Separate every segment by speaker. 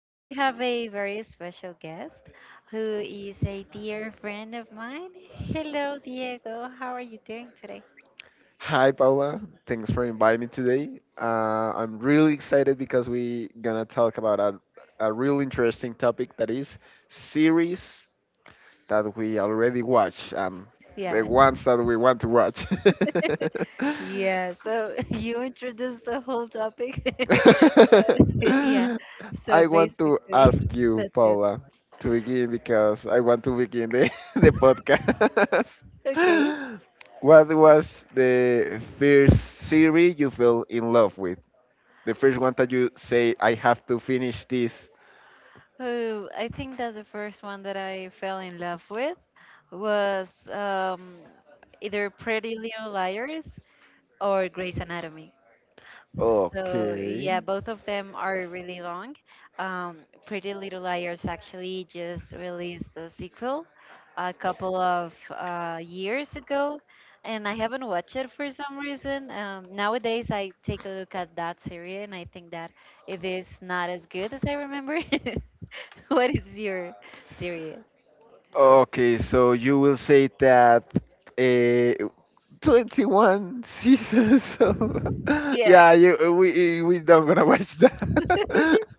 Speaker 1: Today, we have a very special guest who is a dear friend of mine. Hello, Diego. How are you doing today?
Speaker 2: Hi Paula, thanks for inviting me today. I'm really excited because we gonna talk about a real interesting topic that is series that we already watch and the
Speaker 1: Yeah,
Speaker 2: ones that we want to watch.
Speaker 1: yeah. So, you introduced the whole topic. But, yeah, so
Speaker 2: I want to
Speaker 1: basically,
Speaker 2: ask you,
Speaker 1: that's it.
Speaker 2: Paula, to begin because I want to begin the podcast.
Speaker 1: Okay.
Speaker 2: What was the first series you fell in love? The first one that you say, I have to finish this.
Speaker 1: Oh, I think that the first one that I fell in love with was either Pretty Little Liars or Grey's Anatomy. So yeah,
Speaker 2: Okay.
Speaker 1: both of them are really long. Um, Pretty Little Liars actually just released a sequel a couple of years ago, and I haven't watched it for some reason. Nowadays, I take a look at that series, and I think that it is not as good as I remember. What is your series?
Speaker 2: Okay, so you will say that uh, 21 seasons of
Speaker 1: Yeah,
Speaker 2: Yeah, we don't gonna watch that.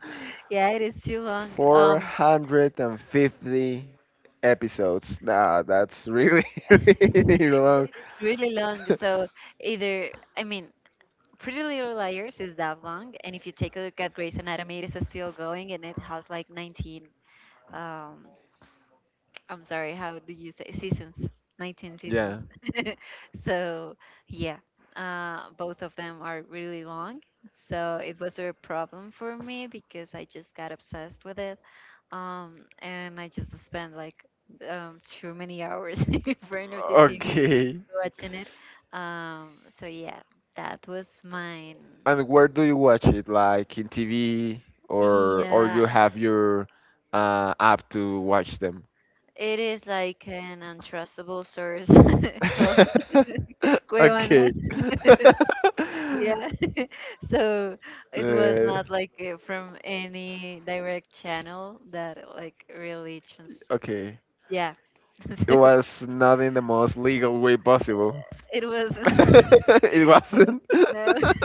Speaker 1: yeah, it is too long.
Speaker 2: 450 episodes. Nah, really long.
Speaker 1: It's really long. So either, I mean, Pretty Little Liars is that long, and if you take a look at Grey's Anatomy, it is still going, and it has like 19. Um, I'm sorry, how do you say seasons? 19 seasons.
Speaker 2: Yeah.
Speaker 1: So yeah, both of them are really long. So it was a problem for me because I just got obsessed with it, and I just spent like too many hours in front of the TV
Speaker 2: Okay.
Speaker 1: watching it. So yeah, that was mine.
Speaker 2: And where do you watch it? Like in TV or
Speaker 1: Yeah,
Speaker 2: you have your app to watch them?
Speaker 1: it is like an untrustable source called Cuevana.
Speaker 2: Okay.
Speaker 1: Yeah, so it was
Speaker 2: Uh,
Speaker 1: not like from any direct channel that like really trans.
Speaker 2: okay.
Speaker 1: Yeah,
Speaker 2: It
Speaker 1: so
Speaker 2: was not in the most legal way possible.
Speaker 1: it was.
Speaker 2: It
Speaker 1: Yeah,
Speaker 2: wasn't.
Speaker 1: no.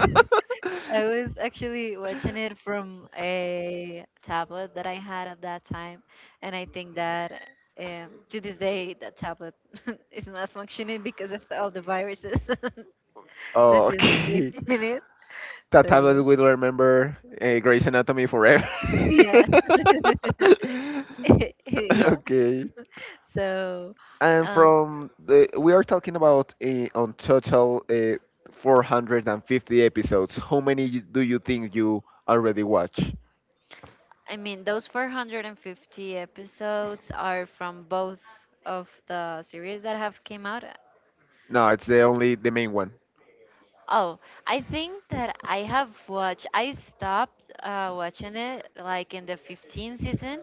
Speaker 1: I was actually watching it from a tablet that I had at that time, and I think that to this day that tablet is not functioning because of all the viruses that
Speaker 2: Oh,
Speaker 1: just came
Speaker 2: okay.
Speaker 1: in it.
Speaker 2: That
Speaker 1: So
Speaker 2: tablet will remember Grey's Anatomy forever.
Speaker 1: yeah, yeah, yeah.
Speaker 2: Okay.
Speaker 1: So,
Speaker 2: And
Speaker 1: um,
Speaker 2: from we are talking about on total 450 episodes. How many do you think you already watch?
Speaker 1: I mean, those 450 episodes are from both of the series that have came out.
Speaker 2: No, it's the only the main one.
Speaker 1: Oh, I think that I have watched. I stopped watching it like in the 15th season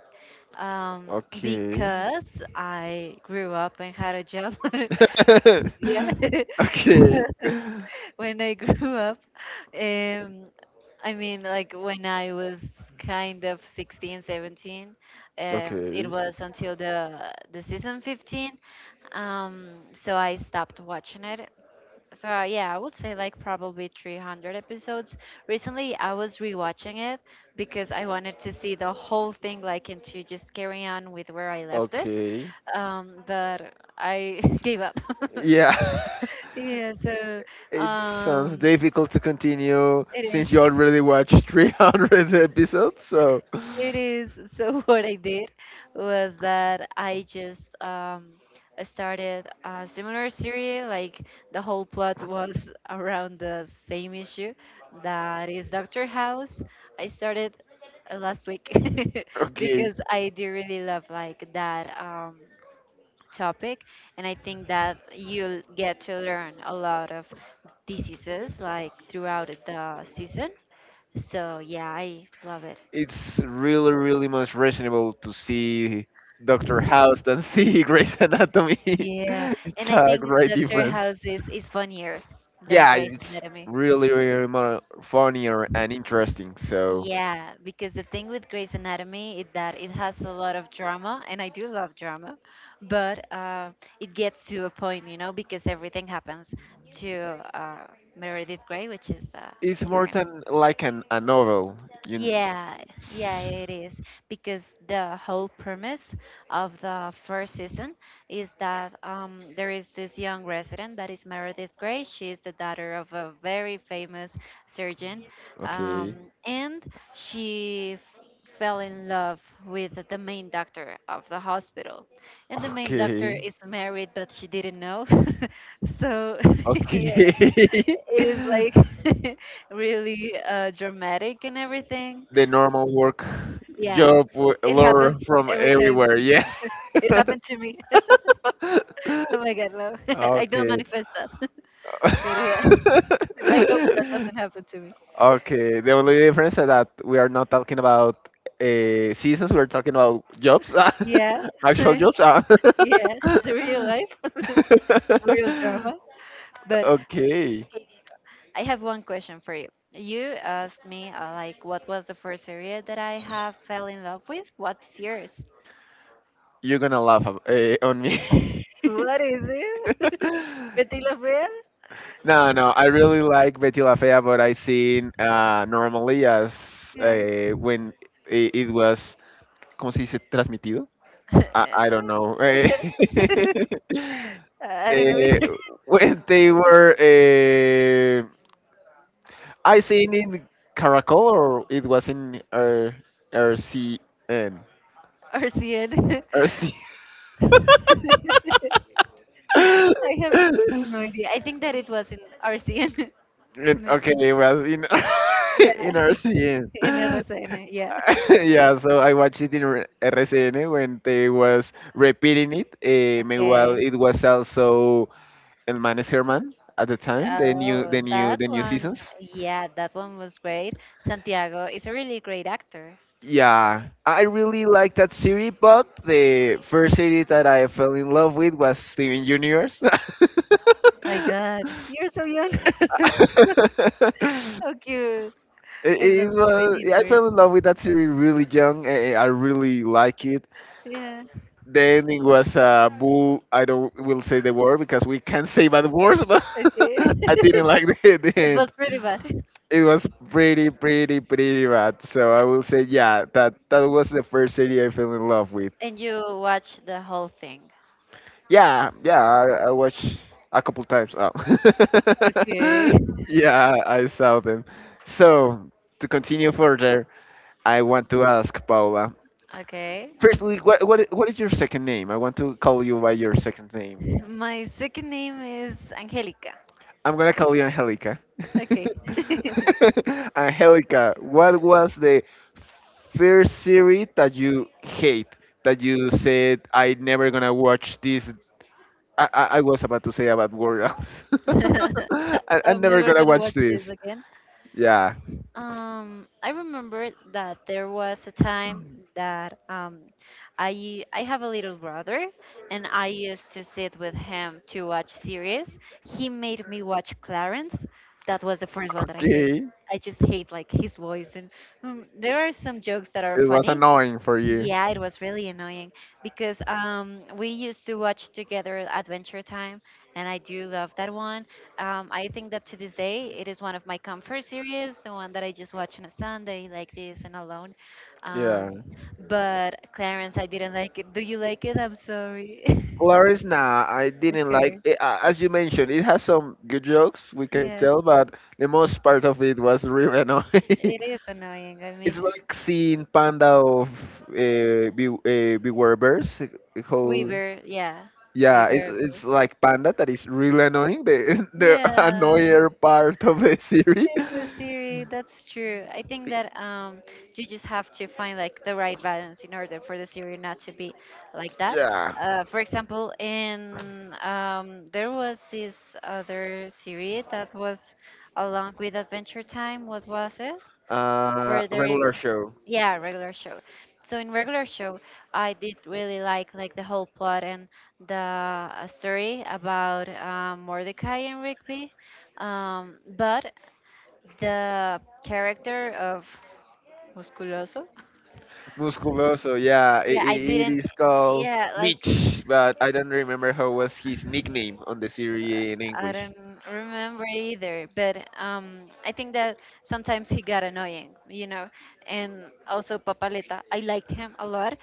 Speaker 1: um,
Speaker 2: Okay.
Speaker 1: because I grew up and had a job. Yeah.
Speaker 2: Okay.
Speaker 1: So when I grew up, um, I mean, like when I was kind of 16, 17, it
Speaker 2: Okay.
Speaker 1: was until the season 15. So I stopped watching it so yeah, I would say like probably 300 episodes. Recently, I was rewatching it because I wanted to see the whole thing, like, and to just carry on with where I left it.
Speaker 2: Okay.
Speaker 1: But I gave up.
Speaker 2: Yeah.
Speaker 1: Yeah, so
Speaker 2: It sounds
Speaker 1: um,
Speaker 2: difficult to continue
Speaker 1: it
Speaker 2: since
Speaker 1: is.
Speaker 2: you already watched 300 episodes. So,
Speaker 1: It is. So what I did was that I just started a similar series. Like the whole plot was around the same issue. That is Dr. House. I started last week
Speaker 2: okay.
Speaker 1: because I do really love like that topic, and I think that you'll get to learn a lot of diseases like throughout the season. So yeah, I love it.
Speaker 2: It's really much reasonable to see Doctor House than see Grey's Anatomy.
Speaker 1: Yeah,
Speaker 2: It's
Speaker 1: and I
Speaker 2: a
Speaker 1: think
Speaker 2: great
Speaker 1: Dr.
Speaker 2: difference.
Speaker 1: House is funnier than
Speaker 2: Yeah,
Speaker 1: Grey's
Speaker 2: it's
Speaker 1: Anatomy.
Speaker 2: really more funnier and interesting. So,
Speaker 1: Yeah, because the thing with Grey's Anatomy is that it has a lot of drama, and I do love drama, but it gets to a point, you know, because everything happens to uh, Meredith Grey, which is the
Speaker 2: it's more
Speaker 1: protagonist.
Speaker 2: than like a novel. You. kn-
Speaker 1: Yeah, yeah, it is because the whole premise of the first season is that there is this young resident that is Meredith Grey. She is the daughter of a very famous surgeon, um,
Speaker 2: Okay.
Speaker 1: and she f fell in love with the main doctor of the hospital. And the main doctor
Speaker 2: Okay.
Speaker 1: is married, but she didn't know. So, yeah,
Speaker 2: Okay.
Speaker 1: it is like really dramatic and everything
Speaker 2: The normal work
Speaker 1: yeah, it
Speaker 2: lure
Speaker 1: happens
Speaker 2: from
Speaker 1: every time.
Speaker 2: everywhere. Yeah.
Speaker 1: It happened to me. Oh my God, no. I don't
Speaker 2: Okay.
Speaker 1: manifest that. But yeah, I hope that doesn't happen to me.
Speaker 2: Okay. The only difference is that we are not talking about seasons. We're talking about jobs,
Speaker 1: Yeah,
Speaker 2: actual jobs. Ah.
Speaker 1: yeah, the real life, real drama. But
Speaker 2: Okay.
Speaker 1: I have one question for you. You asked me, like, what was the first area that I have fell in love with? What's yours?
Speaker 2: You're gonna on me.
Speaker 1: What is it? Betty La Fea?
Speaker 2: No, no, I really like Betty La Fea, but I seen normally as
Speaker 1: Yeah.
Speaker 2: when it was, ¿cómo se dice? Transmitido? I don't know.
Speaker 1: Yeah. I don't know
Speaker 2: Eh,
Speaker 1: either.
Speaker 2: when they were, I seen in Caracol or it was in RCN.
Speaker 1: RCN. I have no idea. I think that it was in RCN.
Speaker 2: Okay, it was in
Speaker 1: Yeah,
Speaker 2: in RCN.
Speaker 1: in RCN. Yeah.
Speaker 2: Yeah, so I watched it in RCN when they was repeating it. Meanwhile,
Speaker 1: Okay.
Speaker 2: it was also El Manes Herman at the time,
Speaker 1: Oh, that
Speaker 2: the new
Speaker 1: one.
Speaker 2: seasons.
Speaker 1: Yeah, that one was great. Santiago is a really great actor.
Speaker 2: Yeah, I really like that series, but the first series that I fell in love with was Steven Universe.
Speaker 1: My God, you're so young. How cute. I love Steven
Speaker 2: I
Speaker 1: Universe.
Speaker 2: fell in love with that series really young. I really like it.
Speaker 1: Yeah.
Speaker 2: The ending was a bull. I don't will say the word because we can't say bad words, but
Speaker 1: Okay.
Speaker 2: I didn't like the
Speaker 1: It was
Speaker 2: end.
Speaker 1: pretty bad.
Speaker 2: It was pretty bad. So I will say, yeah, that that was the first series I fell in love with.
Speaker 1: And you watched the whole thing.
Speaker 2: Yeah, yeah, I watched a couple times. Oh.
Speaker 1: Okay.
Speaker 2: Yeah, I saw them. So to continue further, I want to ask Paula.
Speaker 1: Okay.
Speaker 2: Firstly, what is your second name? I want to call you by your second name.
Speaker 1: My second name is Angelica.
Speaker 2: I'm gonna call you Angelica.
Speaker 1: Okay.
Speaker 2: Angelica, what was the first series that you hate that you said I never gonna watch this? I was about to say about World. I'm
Speaker 1: I'm
Speaker 2: never
Speaker 1: never
Speaker 2: gonna
Speaker 1: gonna
Speaker 2: watch
Speaker 1: watch this
Speaker 2: this.
Speaker 1: again.
Speaker 2: Yeah.
Speaker 1: I remember that there was a time that I have a little brother, and I used to sit with him to watch series. He made me watch Clarence. That was the first one that I hate.
Speaker 2: Okay.
Speaker 1: I just hate like his voice, and there are some jokes that are
Speaker 2: It was
Speaker 1: funny.
Speaker 2: annoying for you.
Speaker 1: Yeah, it was really annoying because we used to watch together Adventure Time, and I do love that one. I think that to this day, it is one of my comfort series, the one that I just watch on a Sunday like this and alone.
Speaker 2: Yeah.
Speaker 1: Um, but Clarence, I didn't like it. Do you like it? I'm sorry.
Speaker 2: Clarice, nah, I didn't like
Speaker 1: Okay.
Speaker 2: it. As you mentioned, it has some good jokes, we can
Speaker 1: Yeah,
Speaker 2: tell, but the most part of it was really annoying.
Speaker 1: it is annoying. I
Speaker 2: It's
Speaker 1: mean,
Speaker 2: like seeing panda of beware bears. Whole
Speaker 1: Weaver, yeah,
Speaker 2: yeah,
Speaker 1: Weaver.
Speaker 2: it's like panda that is really annoying. The the
Speaker 1: Yeah,
Speaker 2: annoyer part of the series.
Speaker 1: in the series. That's true. I think that you just have to find like the right balance in order for the series not to be like that.
Speaker 2: Yeah.
Speaker 1: For example, in there was this other series that was along with Adventure Time. What was it? Where there is
Speaker 2: Regular show.
Speaker 1: yeah regular show, so in regular show I did really like the whole plot and the story about Mordecai and Rigby, but the character of Musculoso.
Speaker 2: Musculoso. Yeah,
Speaker 1: Yeah I
Speaker 2: it
Speaker 1: didn't
Speaker 2: is called
Speaker 1: yeah like
Speaker 2: Mitch, but I don't remember how was his nickname on the
Speaker 1: uh,
Speaker 2: series in
Speaker 1: I
Speaker 2: English.
Speaker 1: don't remember either, but um, I think that sometimes he got annoying, you know, and also Papaleta, I liked him a lot.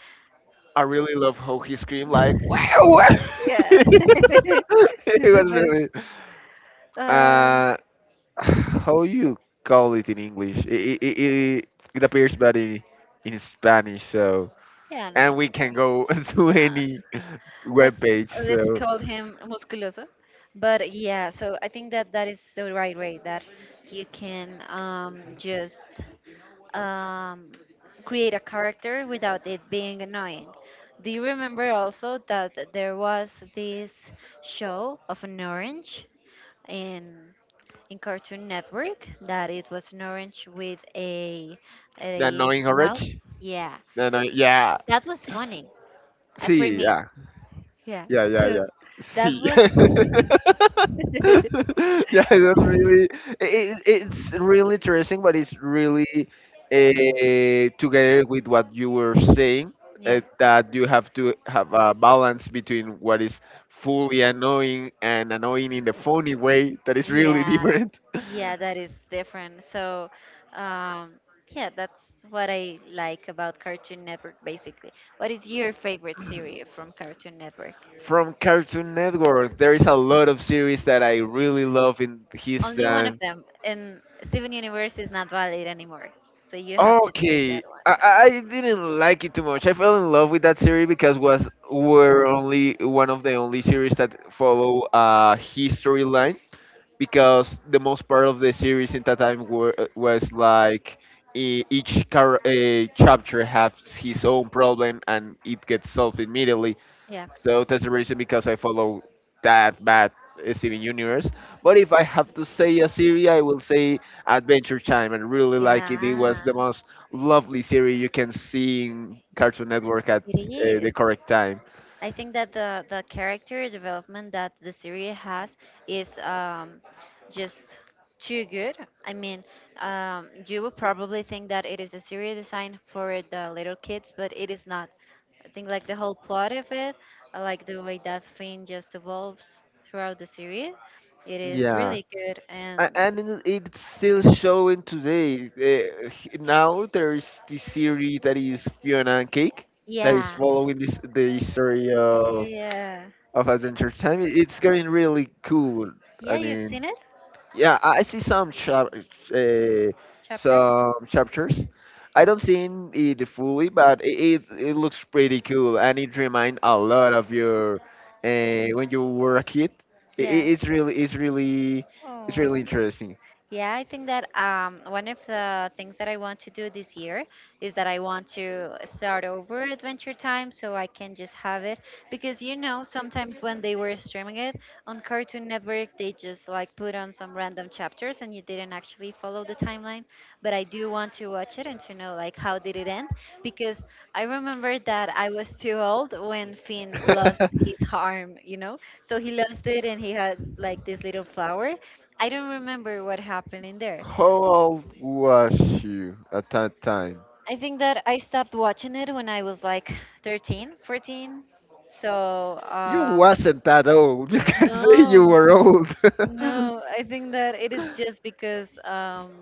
Speaker 2: I really love how he screamed like wow.
Speaker 1: Yeah
Speaker 2: It
Speaker 1: He's the
Speaker 2: was
Speaker 1: best.
Speaker 2: really
Speaker 1: uh
Speaker 2: Uh,
Speaker 1: mm,
Speaker 2: how you call it in English? It appears bad in Spanish, so
Speaker 1: yeah, no,
Speaker 2: and
Speaker 1: no
Speaker 2: we can
Speaker 1: worries.
Speaker 2: go to
Speaker 1: Nah.
Speaker 2: any web
Speaker 1: let's
Speaker 2: page.
Speaker 1: let's
Speaker 2: So
Speaker 1: call him Musculoso, but yeah, so I think that that is the right way that you can um, just um, create a character without it being annoying. Do you remember also that there was this show of an orange in in Cartoon Network that it was an orange with a
Speaker 2: the
Speaker 1: a
Speaker 2: annoying
Speaker 1: mouth?
Speaker 2: orange,
Speaker 1: Yeah,
Speaker 2: the annoying, yeah,
Speaker 1: that was funny for
Speaker 2: see,
Speaker 1: me.
Speaker 2: yeah.
Speaker 1: Yeah,
Speaker 2: Yeah, yeah,
Speaker 1: so
Speaker 2: yeah.
Speaker 1: that
Speaker 2: See.
Speaker 1: was
Speaker 2: Yeah, that's really it's really interesting, but it's really together with what you were saying
Speaker 1: yeah.
Speaker 2: that you have to have a balance between what is fully annoying and annoying in the funny way that is really
Speaker 1: Yeah,
Speaker 2: different.
Speaker 1: yeah, that is different. So, um, yeah, that's what I like about Cartoon Network, basically. What is your favorite series from Cartoon Network?
Speaker 2: From Cartoon Network, there is a lot of series that I really love in his
Speaker 1: Only one of
Speaker 2: time.
Speaker 1: them, and Steven Universe is not valid anymore. So you have to take
Speaker 2: Okay,
Speaker 1: that one out.
Speaker 2: I didn't like it too much. I fell in love with that series because was were only one of the only series that follow a history line because the most part of the series in that time were, was like each chapter has his own problem and it gets solved immediately.
Speaker 1: Yeah,
Speaker 2: So that's the reason because I follow that bad Steven Universe. But if I have to say a series, I will say Adventure Time. I really like it. It
Speaker 1: yeah,
Speaker 2: was the most lovely series you can see in Cartoon Network at
Speaker 1: it
Speaker 2: the
Speaker 1: is.
Speaker 2: correct time.
Speaker 1: I think that the character development that the series has is just too good. I mean, you would probably think that it is a series designed for the little kids, but it is not. I think like the whole plot of it, I like the way that Finn just evolves throughout the series. It is
Speaker 2: Yeah.
Speaker 1: really good, and
Speaker 2: And it's still showing today. Now there is this series that is Fiona and Cake that is
Speaker 1: yeah,
Speaker 2: following this the story
Speaker 1: yeah,
Speaker 2: of Adventure Time. It's getting really cool.
Speaker 1: yeah.
Speaker 2: I
Speaker 1: You've
Speaker 2: mean,
Speaker 1: seen it
Speaker 2: yeah, I see uh,
Speaker 1: chapters,
Speaker 2: some chapters. I don't see it fully, but it looks pretty cool, and it reminds a lot of your when you were a kid.
Speaker 1: yeah.
Speaker 2: It's really it's really interesting.
Speaker 1: Yeah, I think that one of the things that I want to do this year is that I want to start over Adventure Time so I can just have it. Because, you know, sometimes when they were streaming it on Cartoon Network, they just like put on some random chapters and you didn't actually follow the timeline. But I do want to watch it and to know like how did it end. Because I remember that I was too old when Finn lost his arm, you know? So he lost it and he had like this little flower. I don't remember what happened in there.
Speaker 2: How old was you at that time?
Speaker 1: I think that I stopped watching it when I was like 13, 14. So,
Speaker 2: You wasn't that old. You can say
Speaker 1: no,
Speaker 2: you were old.
Speaker 1: no, I think that it is just because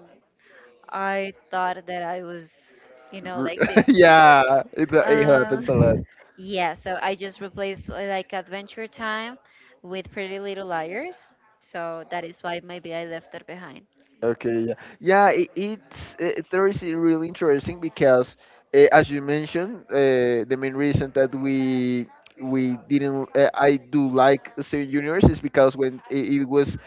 Speaker 1: I thought that I was, you know,
Speaker 2: R-
Speaker 1: like this big girl.
Speaker 2: yeah, it happens a lot.
Speaker 1: Yeah, so I just replaced like Adventure Time with Pretty Little Liars. So that is why maybe I left that behind.
Speaker 2: Okay, yeah, yeah. It's there is really interesting because, as you mentioned, the main reason that we didn't I do like Steven Universe is because when it was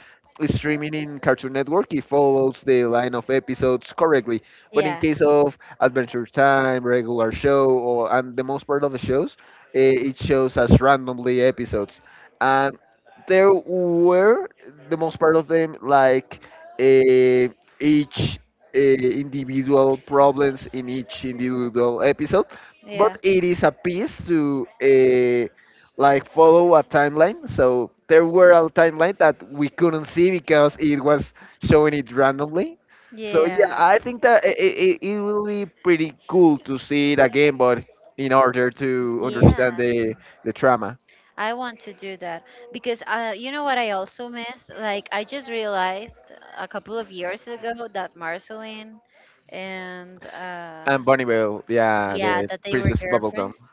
Speaker 2: streaming in Cartoon Network, it follows the line of episodes correctly. But in
Speaker 1: Yeah,
Speaker 2: case of Adventure Time, regular show, or and the most part of the shows, it shows as randomly episodes, and there were the most part of them like eh, each individual problems in each individual episode, but
Speaker 1: yeah,
Speaker 2: it is a piece to like follow a timeline. So there were a timeline that we couldn't see because it was showing it randomly. So yeah,
Speaker 1: yeah,
Speaker 2: I think that it will be pretty cool to see it again, but in order to
Speaker 1: yeah.
Speaker 2: understand the trauma.
Speaker 1: I want to do that because you know what I also miss? Like I just realized a couple of years ago that Marceline and
Speaker 2: And Bonnie yeah,
Speaker 1: yeah,
Speaker 2: the
Speaker 1: that they were
Speaker 2: Princess Bubblegum.
Speaker 1: girlfriends,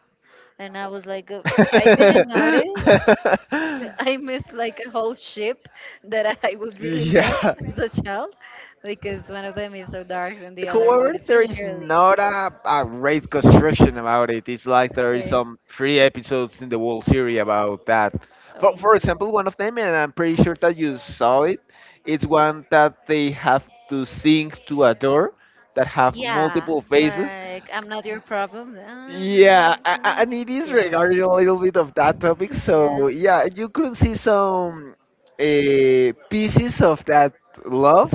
Speaker 1: and I was like, I didn't notice. I missed like a whole ship that I would really love
Speaker 2: Yeah.
Speaker 1: as a child because one of them is so dark and the other one
Speaker 2: However,
Speaker 1: is
Speaker 2: there
Speaker 1: really
Speaker 2: is
Speaker 1: girly.
Speaker 2: not a great construction about it. It's like there is
Speaker 1: Okay.
Speaker 2: some three episodes in the World Series about that. But
Speaker 1: Um,
Speaker 2: for example, one of them, and I'm pretty sure that you saw it, it's one that they have to sing to a door that have
Speaker 1: yeah,
Speaker 2: multiple faces.
Speaker 1: like I'm not your problem. Ah, no,
Speaker 2: Yeah,
Speaker 1: no.
Speaker 2: and it is
Speaker 1: Yeah.
Speaker 2: regarding a little bit of that topic.
Speaker 1: Yeah.
Speaker 2: So yeah, you could see some pieces of that love,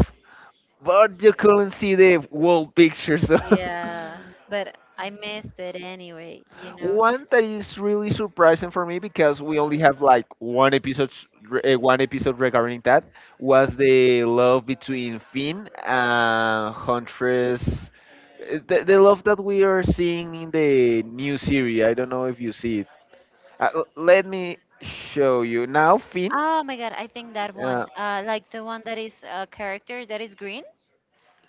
Speaker 2: but you couldn't see the whole picture. So
Speaker 1: Yeah. But I missed it anyway, you know.
Speaker 2: one that is really surprising for me because we only have like one episode, one episode regarding that was the love between Finn and Huntress. The love that we are seeing in the new series. I don't know if you see it. Let me show you now, Finn.
Speaker 1: Oh my God, I think that one.
Speaker 2: Uh,
Speaker 1: Like the one that is a character that is green.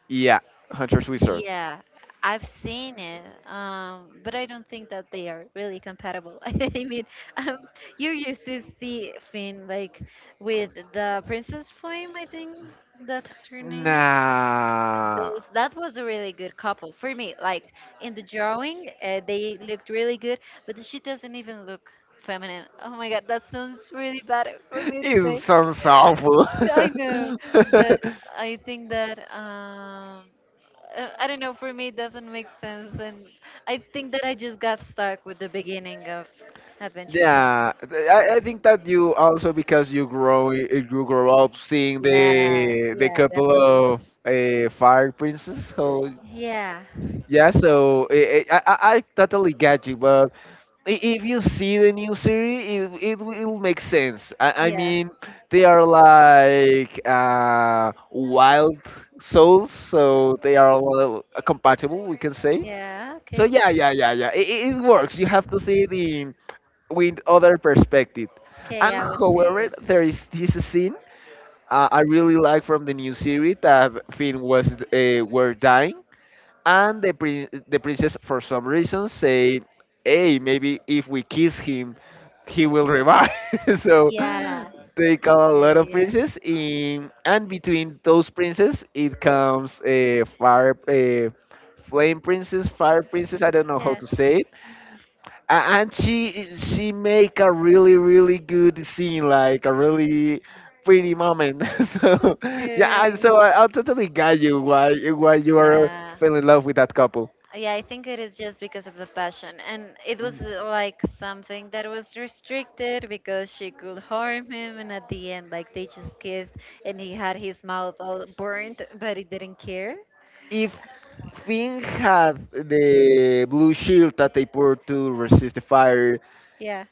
Speaker 2: yeah, Hunter's Wizard.
Speaker 1: Yeah, I've seen it, but I don't think that they are really compatible. Mean, um, you used to see Finn like with the Princess Flame, I think that's her name.
Speaker 2: Nah,
Speaker 1: Those, that was a really good couple for me, like in the drawing, they looked really good, but she doesn't even look feminine. Oh my god, that sounds really bad for me to
Speaker 2: it
Speaker 1: say.
Speaker 2: sounds awful.
Speaker 1: I know, but I think that I don't know, for me it doesn't make sense. And I think that I just got stuck with the beginning of Adventure Time.
Speaker 2: Yeah, I think that you also because you grow up seeing
Speaker 1: Yeah,
Speaker 2: the
Speaker 1: yeah,
Speaker 2: couple
Speaker 1: definitely.
Speaker 2: of fire princes. So
Speaker 1: Yeah,
Speaker 2: yeah, so I totally get you, but if you see the new series, it will make sense. I
Speaker 1: yeah,
Speaker 2: mean, they are like wild souls, so they are all, compatible, we can say.
Speaker 1: yeah,
Speaker 2: So
Speaker 1: okay.
Speaker 2: yeah. It it works. You have to see the with other perspective.
Speaker 1: Okay,
Speaker 2: And
Speaker 1: I will see.
Speaker 2: however, there is this scene I really like from the new series that Finn was were dying and the the princess for some reason say hey maybe if we kiss him he will revive. So
Speaker 1: Yeah.
Speaker 2: they call a
Speaker 1: Yeah,
Speaker 2: lot
Speaker 1: yeah,
Speaker 2: of
Speaker 1: yeah.
Speaker 2: princes in and between those princes it comes a fire a flame princess, fire princess, I don't know how
Speaker 1: Yeah.
Speaker 2: to say it. And she make a really really good scene, like a really pretty moment. So yeah, and
Speaker 1: Okay.
Speaker 2: so I totally got you why you are
Speaker 1: Yeah.
Speaker 2: fell in love with that couple.
Speaker 1: Yeah, I think it is just because of the passion. And it was like something that was restricted because she could harm him. And at the end, like, they just kissed and he had his mouth all burnt, but he didn't care.
Speaker 2: If Finn had the blue shield that they put to resist the fire,
Speaker 1: Yeah.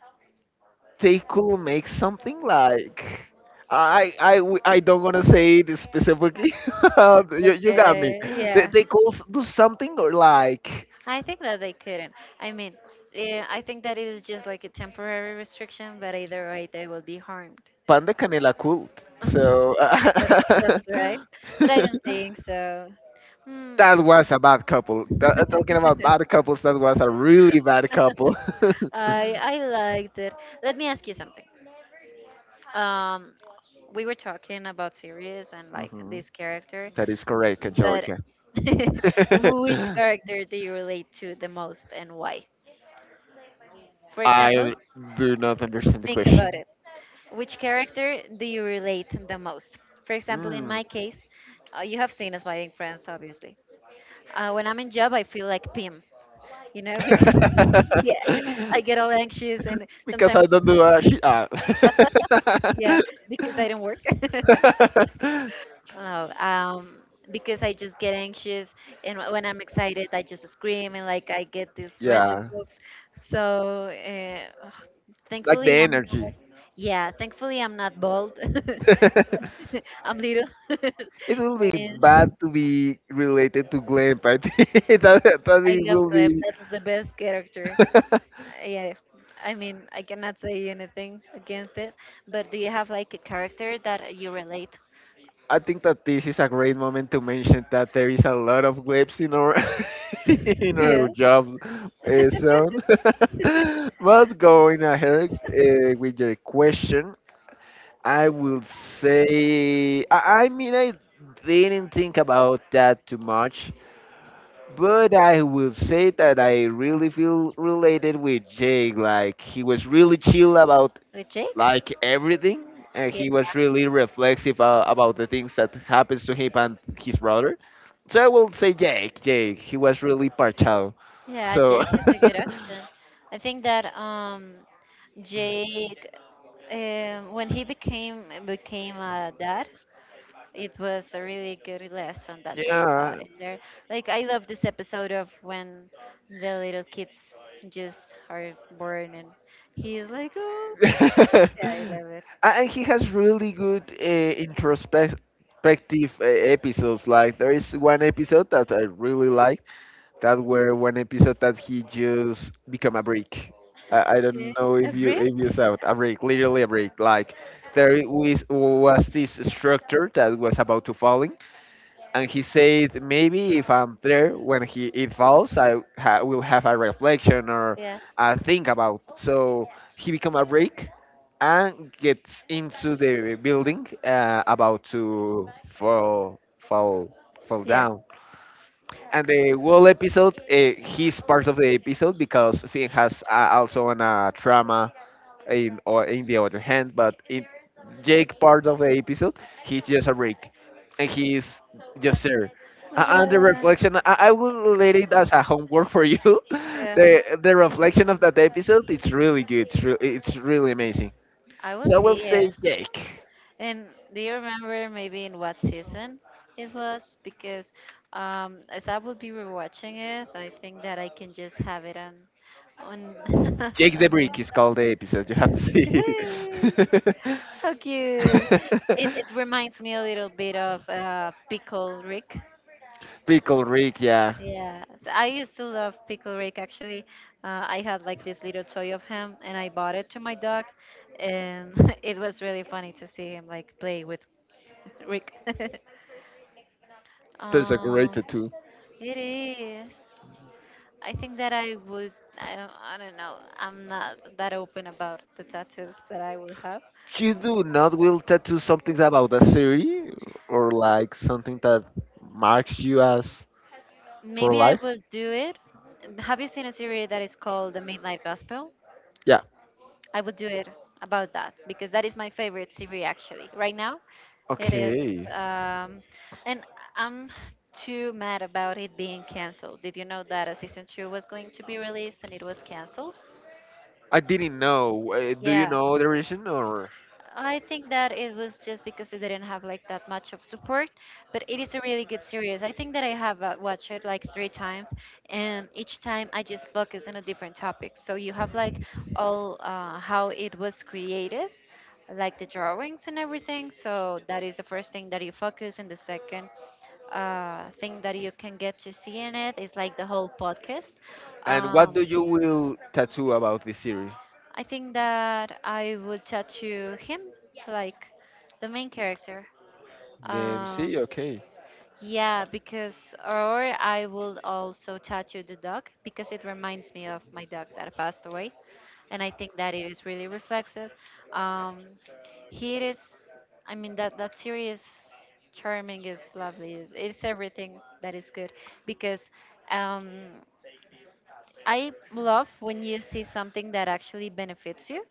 Speaker 2: they could make something like I don't wanna say this specifically. You got me.
Speaker 1: Okay.
Speaker 2: They
Speaker 1: Yeah.
Speaker 2: could do something or like
Speaker 1: I think that they couldn't. I mean, yeah, I think that it is just like a temporary restriction, but either way, they will be harmed.
Speaker 2: Pan de Canela cult. So
Speaker 1: That's that's right. But I don't think so. Hmm.
Speaker 2: that was a bad couple. Talking about bad couples, that was a really bad couple.
Speaker 1: I liked it. Let me ask you something. Um, we were talking about series and like
Speaker 2: Mhm.
Speaker 1: this character,
Speaker 2: That is correct,
Speaker 1: but
Speaker 2: Angelica.
Speaker 1: which character do you relate to the most, and why? For example,
Speaker 2: I do not understand the
Speaker 1: think
Speaker 2: question.
Speaker 1: about it. Which character do you relate the most? For example, in
Speaker 2: Hmm.
Speaker 1: my case, you have seen us buying friends, obviously. When I'm in job, I feel like Pim. You know, because yeah, I get all anxious, and
Speaker 2: Because I
Speaker 1: sometimes
Speaker 2: don't do a shit. Ah.
Speaker 1: yeah, because I don't work. Oh, because I just get anxious, and when I'm excited, I just scream, and like, I get these random
Speaker 2: Yeah,
Speaker 1: moves. So
Speaker 2: like the
Speaker 1: thankfully,
Speaker 2: energy.
Speaker 1: thankfully I'm not bald.
Speaker 2: It
Speaker 1: I'm little.
Speaker 2: will be
Speaker 1: And
Speaker 2: bad to be related to glam, but that, that
Speaker 1: I
Speaker 2: it
Speaker 1: love
Speaker 2: will
Speaker 1: Clef.
Speaker 2: be.
Speaker 1: That is the best character. Yeah, I mean, I cannot say anything against it. But do you have like a character that you relate?
Speaker 2: I think that this is a great moment to mention that there is a lot of clips in our in our
Speaker 1: Yeah.
Speaker 2: job zone. But going ahead with your question, I will say I mean I didn't think about that too much, but I will say that I really feel related with Jake. Like he was really chill about
Speaker 1: With Jake?
Speaker 2: like everything, and
Speaker 1: Yeah.
Speaker 2: he was really reflexive about the things that happens to him and his brother. So I will say Jake, he was really partial.
Speaker 1: Yeah,
Speaker 2: So
Speaker 1: Jake is a good option. I think that Jake, when he became a dad, it was a really good lesson that they taught
Speaker 2: yeah.
Speaker 1: in there. Like, I love this episode of when the little kids just are born and he's like, oh yeah, I love it.
Speaker 2: And he has really good introspective episodes. Like there is one episode that I really like, that were one episode that he just become a brick. I
Speaker 1: Yeah.
Speaker 2: don't know
Speaker 1: A
Speaker 2: if you
Speaker 1: brick?
Speaker 2: if you saw it, a brick, literally a brick. Like there was, this structure that was about to falling, and he said maybe if I'm there when he it falls, will have a reflection or
Speaker 1: Yeah.
Speaker 2: a think about. So he become a brick and gets into the building about to fall fall
Speaker 1: Yeah.
Speaker 2: down, and the whole episode, he's part of the episode because Finn has also an trauma in or in the other hand, but in Jake part of the episode, he's just a brick, and he's just there.
Speaker 1: Oh my
Speaker 2: And the
Speaker 1: god.
Speaker 2: reflection, I will relate it as a homework for you.
Speaker 1: Yeah.
Speaker 2: The reflection of that episode, it's really good. It's really amazing.
Speaker 1: I will
Speaker 2: So I will
Speaker 1: see
Speaker 2: say
Speaker 1: it.
Speaker 2: Jake.
Speaker 1: And do you remember maybe in what season it was? Because as I will be rewatching it, I think that I can just have it on
Speaker 2: Jake the
Speaker 1: on my.
Speaker 2: Brick is called the episode. You have to see it.
Speaker 1: How cute! It reminds me a little bit of Pickle Rick.
Speaker 2: Pickle Rick, yeah.
Speaker 1: Yeah, so I used to love Pickle Rick actually. I had like this little toy of him and I bought it to my dog, and it was really funny to see him like play with Rick.
Speaker 2: There's a great
Speaker 1: Uh,
Speaker 2: tattoo.
Speaker 1: it is. I think that I would. I don't know. I'm not that open about the tattoos that I would have.
Speaker 2: You do not will tattoo something about a series, or like something that marks you as for
Speaker 1: Maybe I
Speaker 2: life?
Speaker 1: would do it. Have you seen a series that is called The Midnight Gospel?
Speaker 2: Yeah.
Speaker 1: I would do it about that because that is my favorite series actually. Right now, it is.
Speaker 2: Okay.
Speaker 1: Um, and I'm too mad about it being canceled. Did you know that a season two was going to be released and it was canceled?
Speaker 2: I didn't know. Do you
Speaker 1: Yeah.
Speaker 2: know the reason, or?
Speaker 1: I think that it was just because it didn't have like that much of support, but it is a really good series. I think that I have watched it like three times, and each time I just focus on a different topic. So you have like all how it was created, like the drawings and everything. So that is the first thing that you focus, and the second thing that you can get to see in it is like the whole podcast.
Speaker 2: And what do
Speaker 1: Um,
Speaker 2: you will tattoo about the series?
Speaker 1: I think that I would tattoo him, like the main character.
Speaker 2: The MC?
Speaker 1: Um,
Speaker 2: Okay.
Speaker 1: yeah, because, or I will also tattoo the dog because it reminds me of my dog that passed away. And I think that it is really reflexive. Um, he is, I mean, that, that series charming is lovely. It's everything that is good because um, I love when you see something that actually benefits you,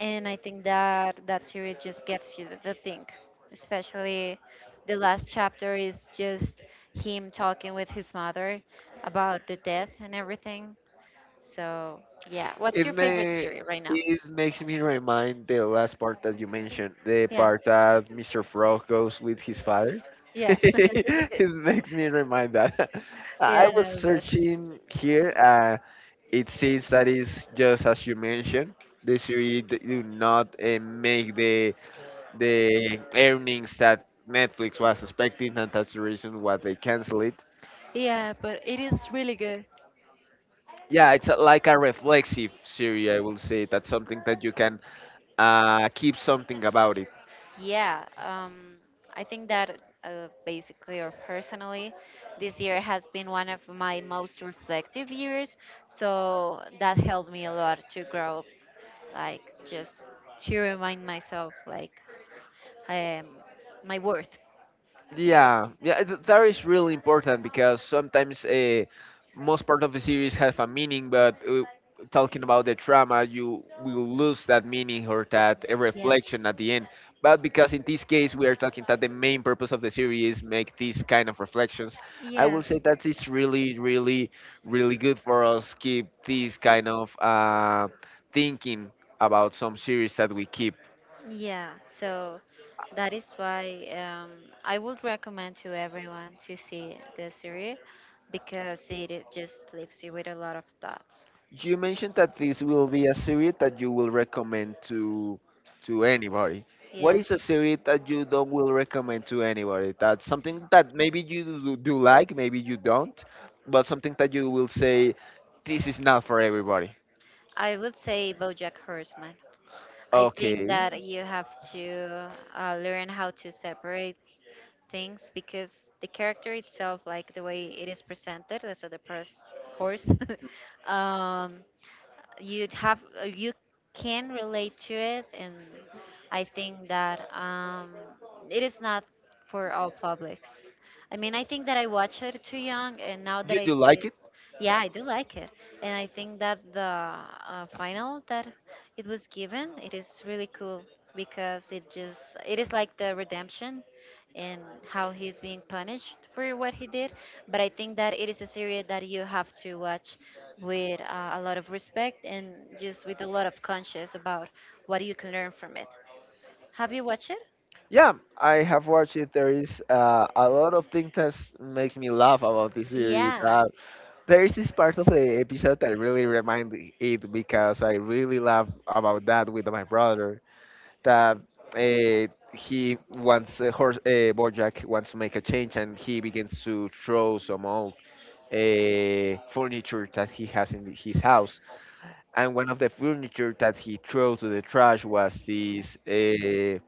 Speaker 1: and I think that that series just gets you to think, especially the last chapter is just him talking with his mother about the death and everything. So yeah, what's
Speaker 2: It
Speaker 1: your favorite
Speaker 2: may
Speaker 1: series right now?
Speaker 2: it makes me remind the last part that you mentioned, the
Speaker 1: Yeah,
Speaker 2: part that Mr. Frog goes with his father.
Speaker 1: yeah,
Speaker 2: It makes me remind that. I
Speaker 1: yeah, I
Speaker 2: was
Speaker 1: know that.
Speaker 2: searching here, and it seems that is just as you mentioned. The series do not make the earnings that Netflix was expecting, and that's the reason why they cancel it.
Speaker 1: Yeah, but it is really good.
Speaker 2: Yeah, it's a, like a reflexive series, I will say. That's something that you can keep something about it.
Speaker 1: Yeah, I think that basically or personally, this year has been one of my most reflective years. So that helped me a lot to grow, like, just to remind myself like um, my worth.
Speaker 2: Yeah, yeah, that is really important, because sometimes most part of the series have a meaning, but talking about the trauma, you will lose that meaning or that
Speaker 1: Yeah,
Speaker 2: reflection at the end. But because in this case we are talking that the main purpose of the series is make these kind of reflections, I
Speaker 1: yeah,
Speaker 2: will say that it's really, really, really good for us keep this kind of thinking about some series that we keep.
Speaker 1: yeah. So that is why I would recommend to everyone to see the series because it just leaves you with a lot of thoughts.
Speaker 2: You mentioned that this will be a series that you will recommend to anybody. What
Speaker 1: Yeah,
Speaker 2: is a series that you don't will recommend to anybody? That's something that maybe you do do like, maybe you don't, but something that you will say this is not for everybody.
Speaker 1: I would say BoJack Horseman. I think
Speaker 2: Okay.
Speaker 1: that you have to learn how to separate things because the character itself, like the way it is presented as a depressed horse, um, you'd have you can relate to it, and I think that it is not for all publics. I mean, I think that I watched it too young, and now that
Speaker 2: You
Speaker 1: I
Speaker 2: do
Speaker 1: see
Speaker 2: like
Speaker 1: it,
Speaker 2: it?
Speaker 1: yeah, I do like it. And I think that the final that it was given, it is really cool because it just, it is like the redemption and how he's being punished for what he did. But I think that it is a series that you have to watch with a lot of respect and just with a lot of conscience about what you can learn from it. Have you watched it?
Speaker 2: Yeah, I have watched it. There is a lot of things that makes me laugh about this series.
Speaker 1: Yeah,
Speaker 2: There is this part of the episode that really remind it, because I really laugh about that with my brother. That uh, he wants horse Bojack wants to make a change, and he begins to throw some old furniture that he has in his house. And one of the furniture that he threw to the trash was this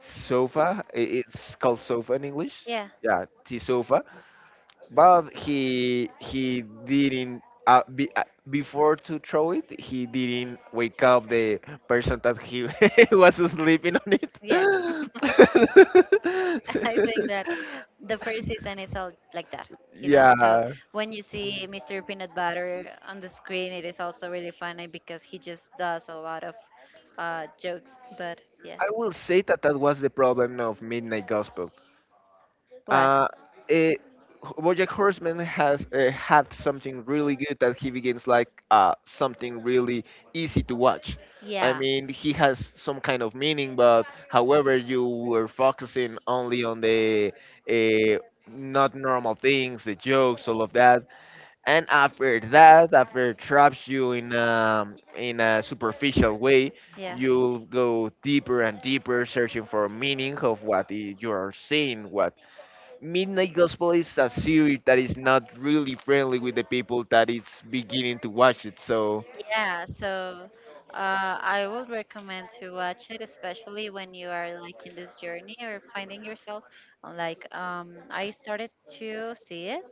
Speaker 2: sofa. It's called sofa in English.
Speaker 1: yeah,
Speaker 2: Yeah, the sofa, but he didn't be, before to throw it, he didn't wake up the person that he was sleeping on it.
Speaker 1: yeah. I think that the first season is all like that, you know. So
Speaker 2: Yeah,
Speaker 1: when you see Mr. Peanut Butter on the screen, it is also really funny because he just does a lot of jokes. But yeah,
Speaker 2: I will say that that was the problem of Midnight Gospel.
Speaker 1: what?
Speaker 2: Uh, it, BoJack Horseman has had something really good, that he begins like something really easy to watch. I
Speaker 1: Yeah.
Speaker 2: mean, he has some kind of meaning, but however, you were focusing only on the uh, not normal things, the jokes, all of that, and after that, after it traps you in a superficial way,
Speaker 1: Yeah.
Speaker 2: you'll go deeper and deeper, searching for meaning of what you are seeing, what Midnight Gospel is a series that is not really friendly with the people that it's beginning to watch it. So,
Speaker 1: Yeah, so uh, I would recommend to watch it, especially when you are like in this journey or finding yourself. Like I started to see it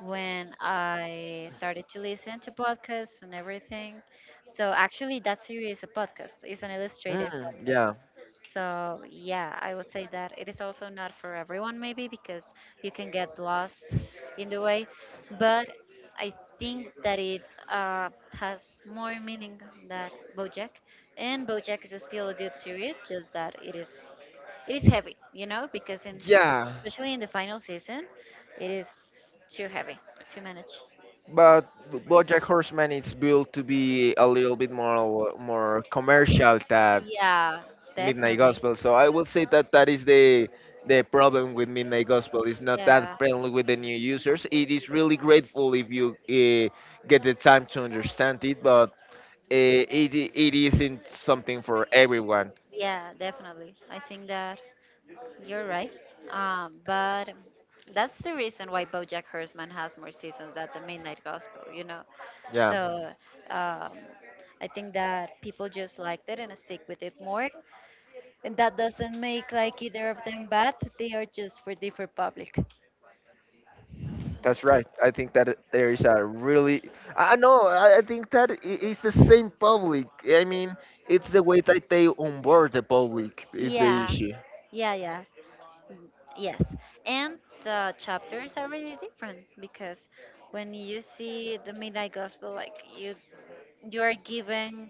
Speaker 1: when I started to listen to podcasts and everything. So actually, that series is a podcast. It's an illustrated
Speaker 2: mm,
Speaker 1: podcast.
Speaker 2: yeah,
Speaker 1: So yeah, I would say that it is also not for everyone, maybe because you can get lost in the way. But I think that it has more meaning than BoJack, and BoJack is still a good series, just that it is, it is heavy, you know, because in
Speaker 2: yeah.
Speaker 1: especially in the final season, it is too heavy to manage.
Speaker 2: But BoJack Horseman is built to be a little bit more commercial than
Speaker 1: Yeah,
Speaker 2: Midnight
Speaker 1: definitely.
Speaker 2: Gospel. So I will say that that is the problem with Midnight Gospel. It's not that
Speaker 1: Yeah,
Speaker 2: friendly with the new users. It is really grateful if you get the time to understand it, but it it isn't something for everyone.
Speaker 1: yeah, definitely. I think that you're right. But that's the reason why BoJack Horseman has more seasons than The Midnight Gospel, you know.
Speaker 2: Yeah.
Speaker 1: So um, I think that people just liked it and stick with it more, and that doesn't make like either of them bad. They are just for different public.
Speaker 2: That's
Speaker 1: So,
Speaker 2: right. I think that there is a really. I know. I think that it's the same public. I mean, it's the way that they onboard the public is the
Speaker 1: yeah,
Speaker 2: issue.
Speaker 1: yeah, yeah. Mm. Yes, and the chapters are really different because when you see the Midnight Gospel, like, you are given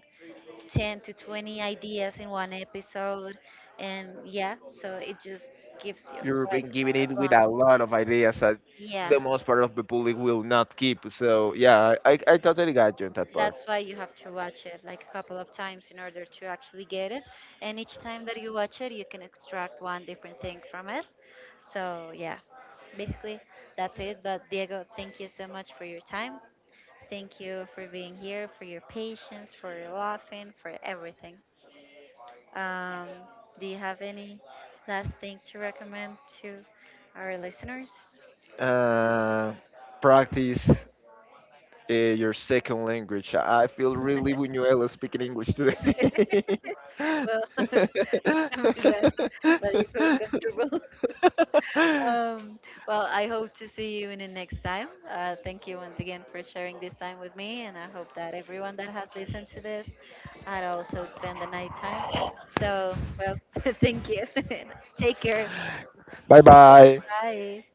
Speaker 1: 10 to 20 ideas in one episode, and yeah, so it just gives you
Speaker 2: You've
Speaker 1: like
Speaker 2: been giving
Speaker 1: a
Speaker 2: it with
Speaker 1: bomb.
Speaker 2: a lot of ideas that
Speaker 1: Yeah.
Speaker 2: the most part of the public will not keep. So yeah, I totally got you on that part.
Speaker 1: That's why you have to watch it like a couple of times in order to actually get it. And each time that you watch it, you can extract one different thing from it. So, yeah, basically that's it. But, Diego, thank you so much for your time. Thank you for being here, for your patience, for your laughing, for everything. Um, do you have any last thing to recommend to our listeners?
Speaker 2: Uh, Practice your second language. I feel really Buñuelo speaking English today.
Speaker 1: Well, I'm glad that you feel comfortable. Um, well, I hope to see you in the next time. Thank you once again for sharing this time with me, and I hope that everyone that has listened to this had also spent the night time. So, well, thank you. Take care.
Speaker 2: Bye bye.
Speaker 1: Bye.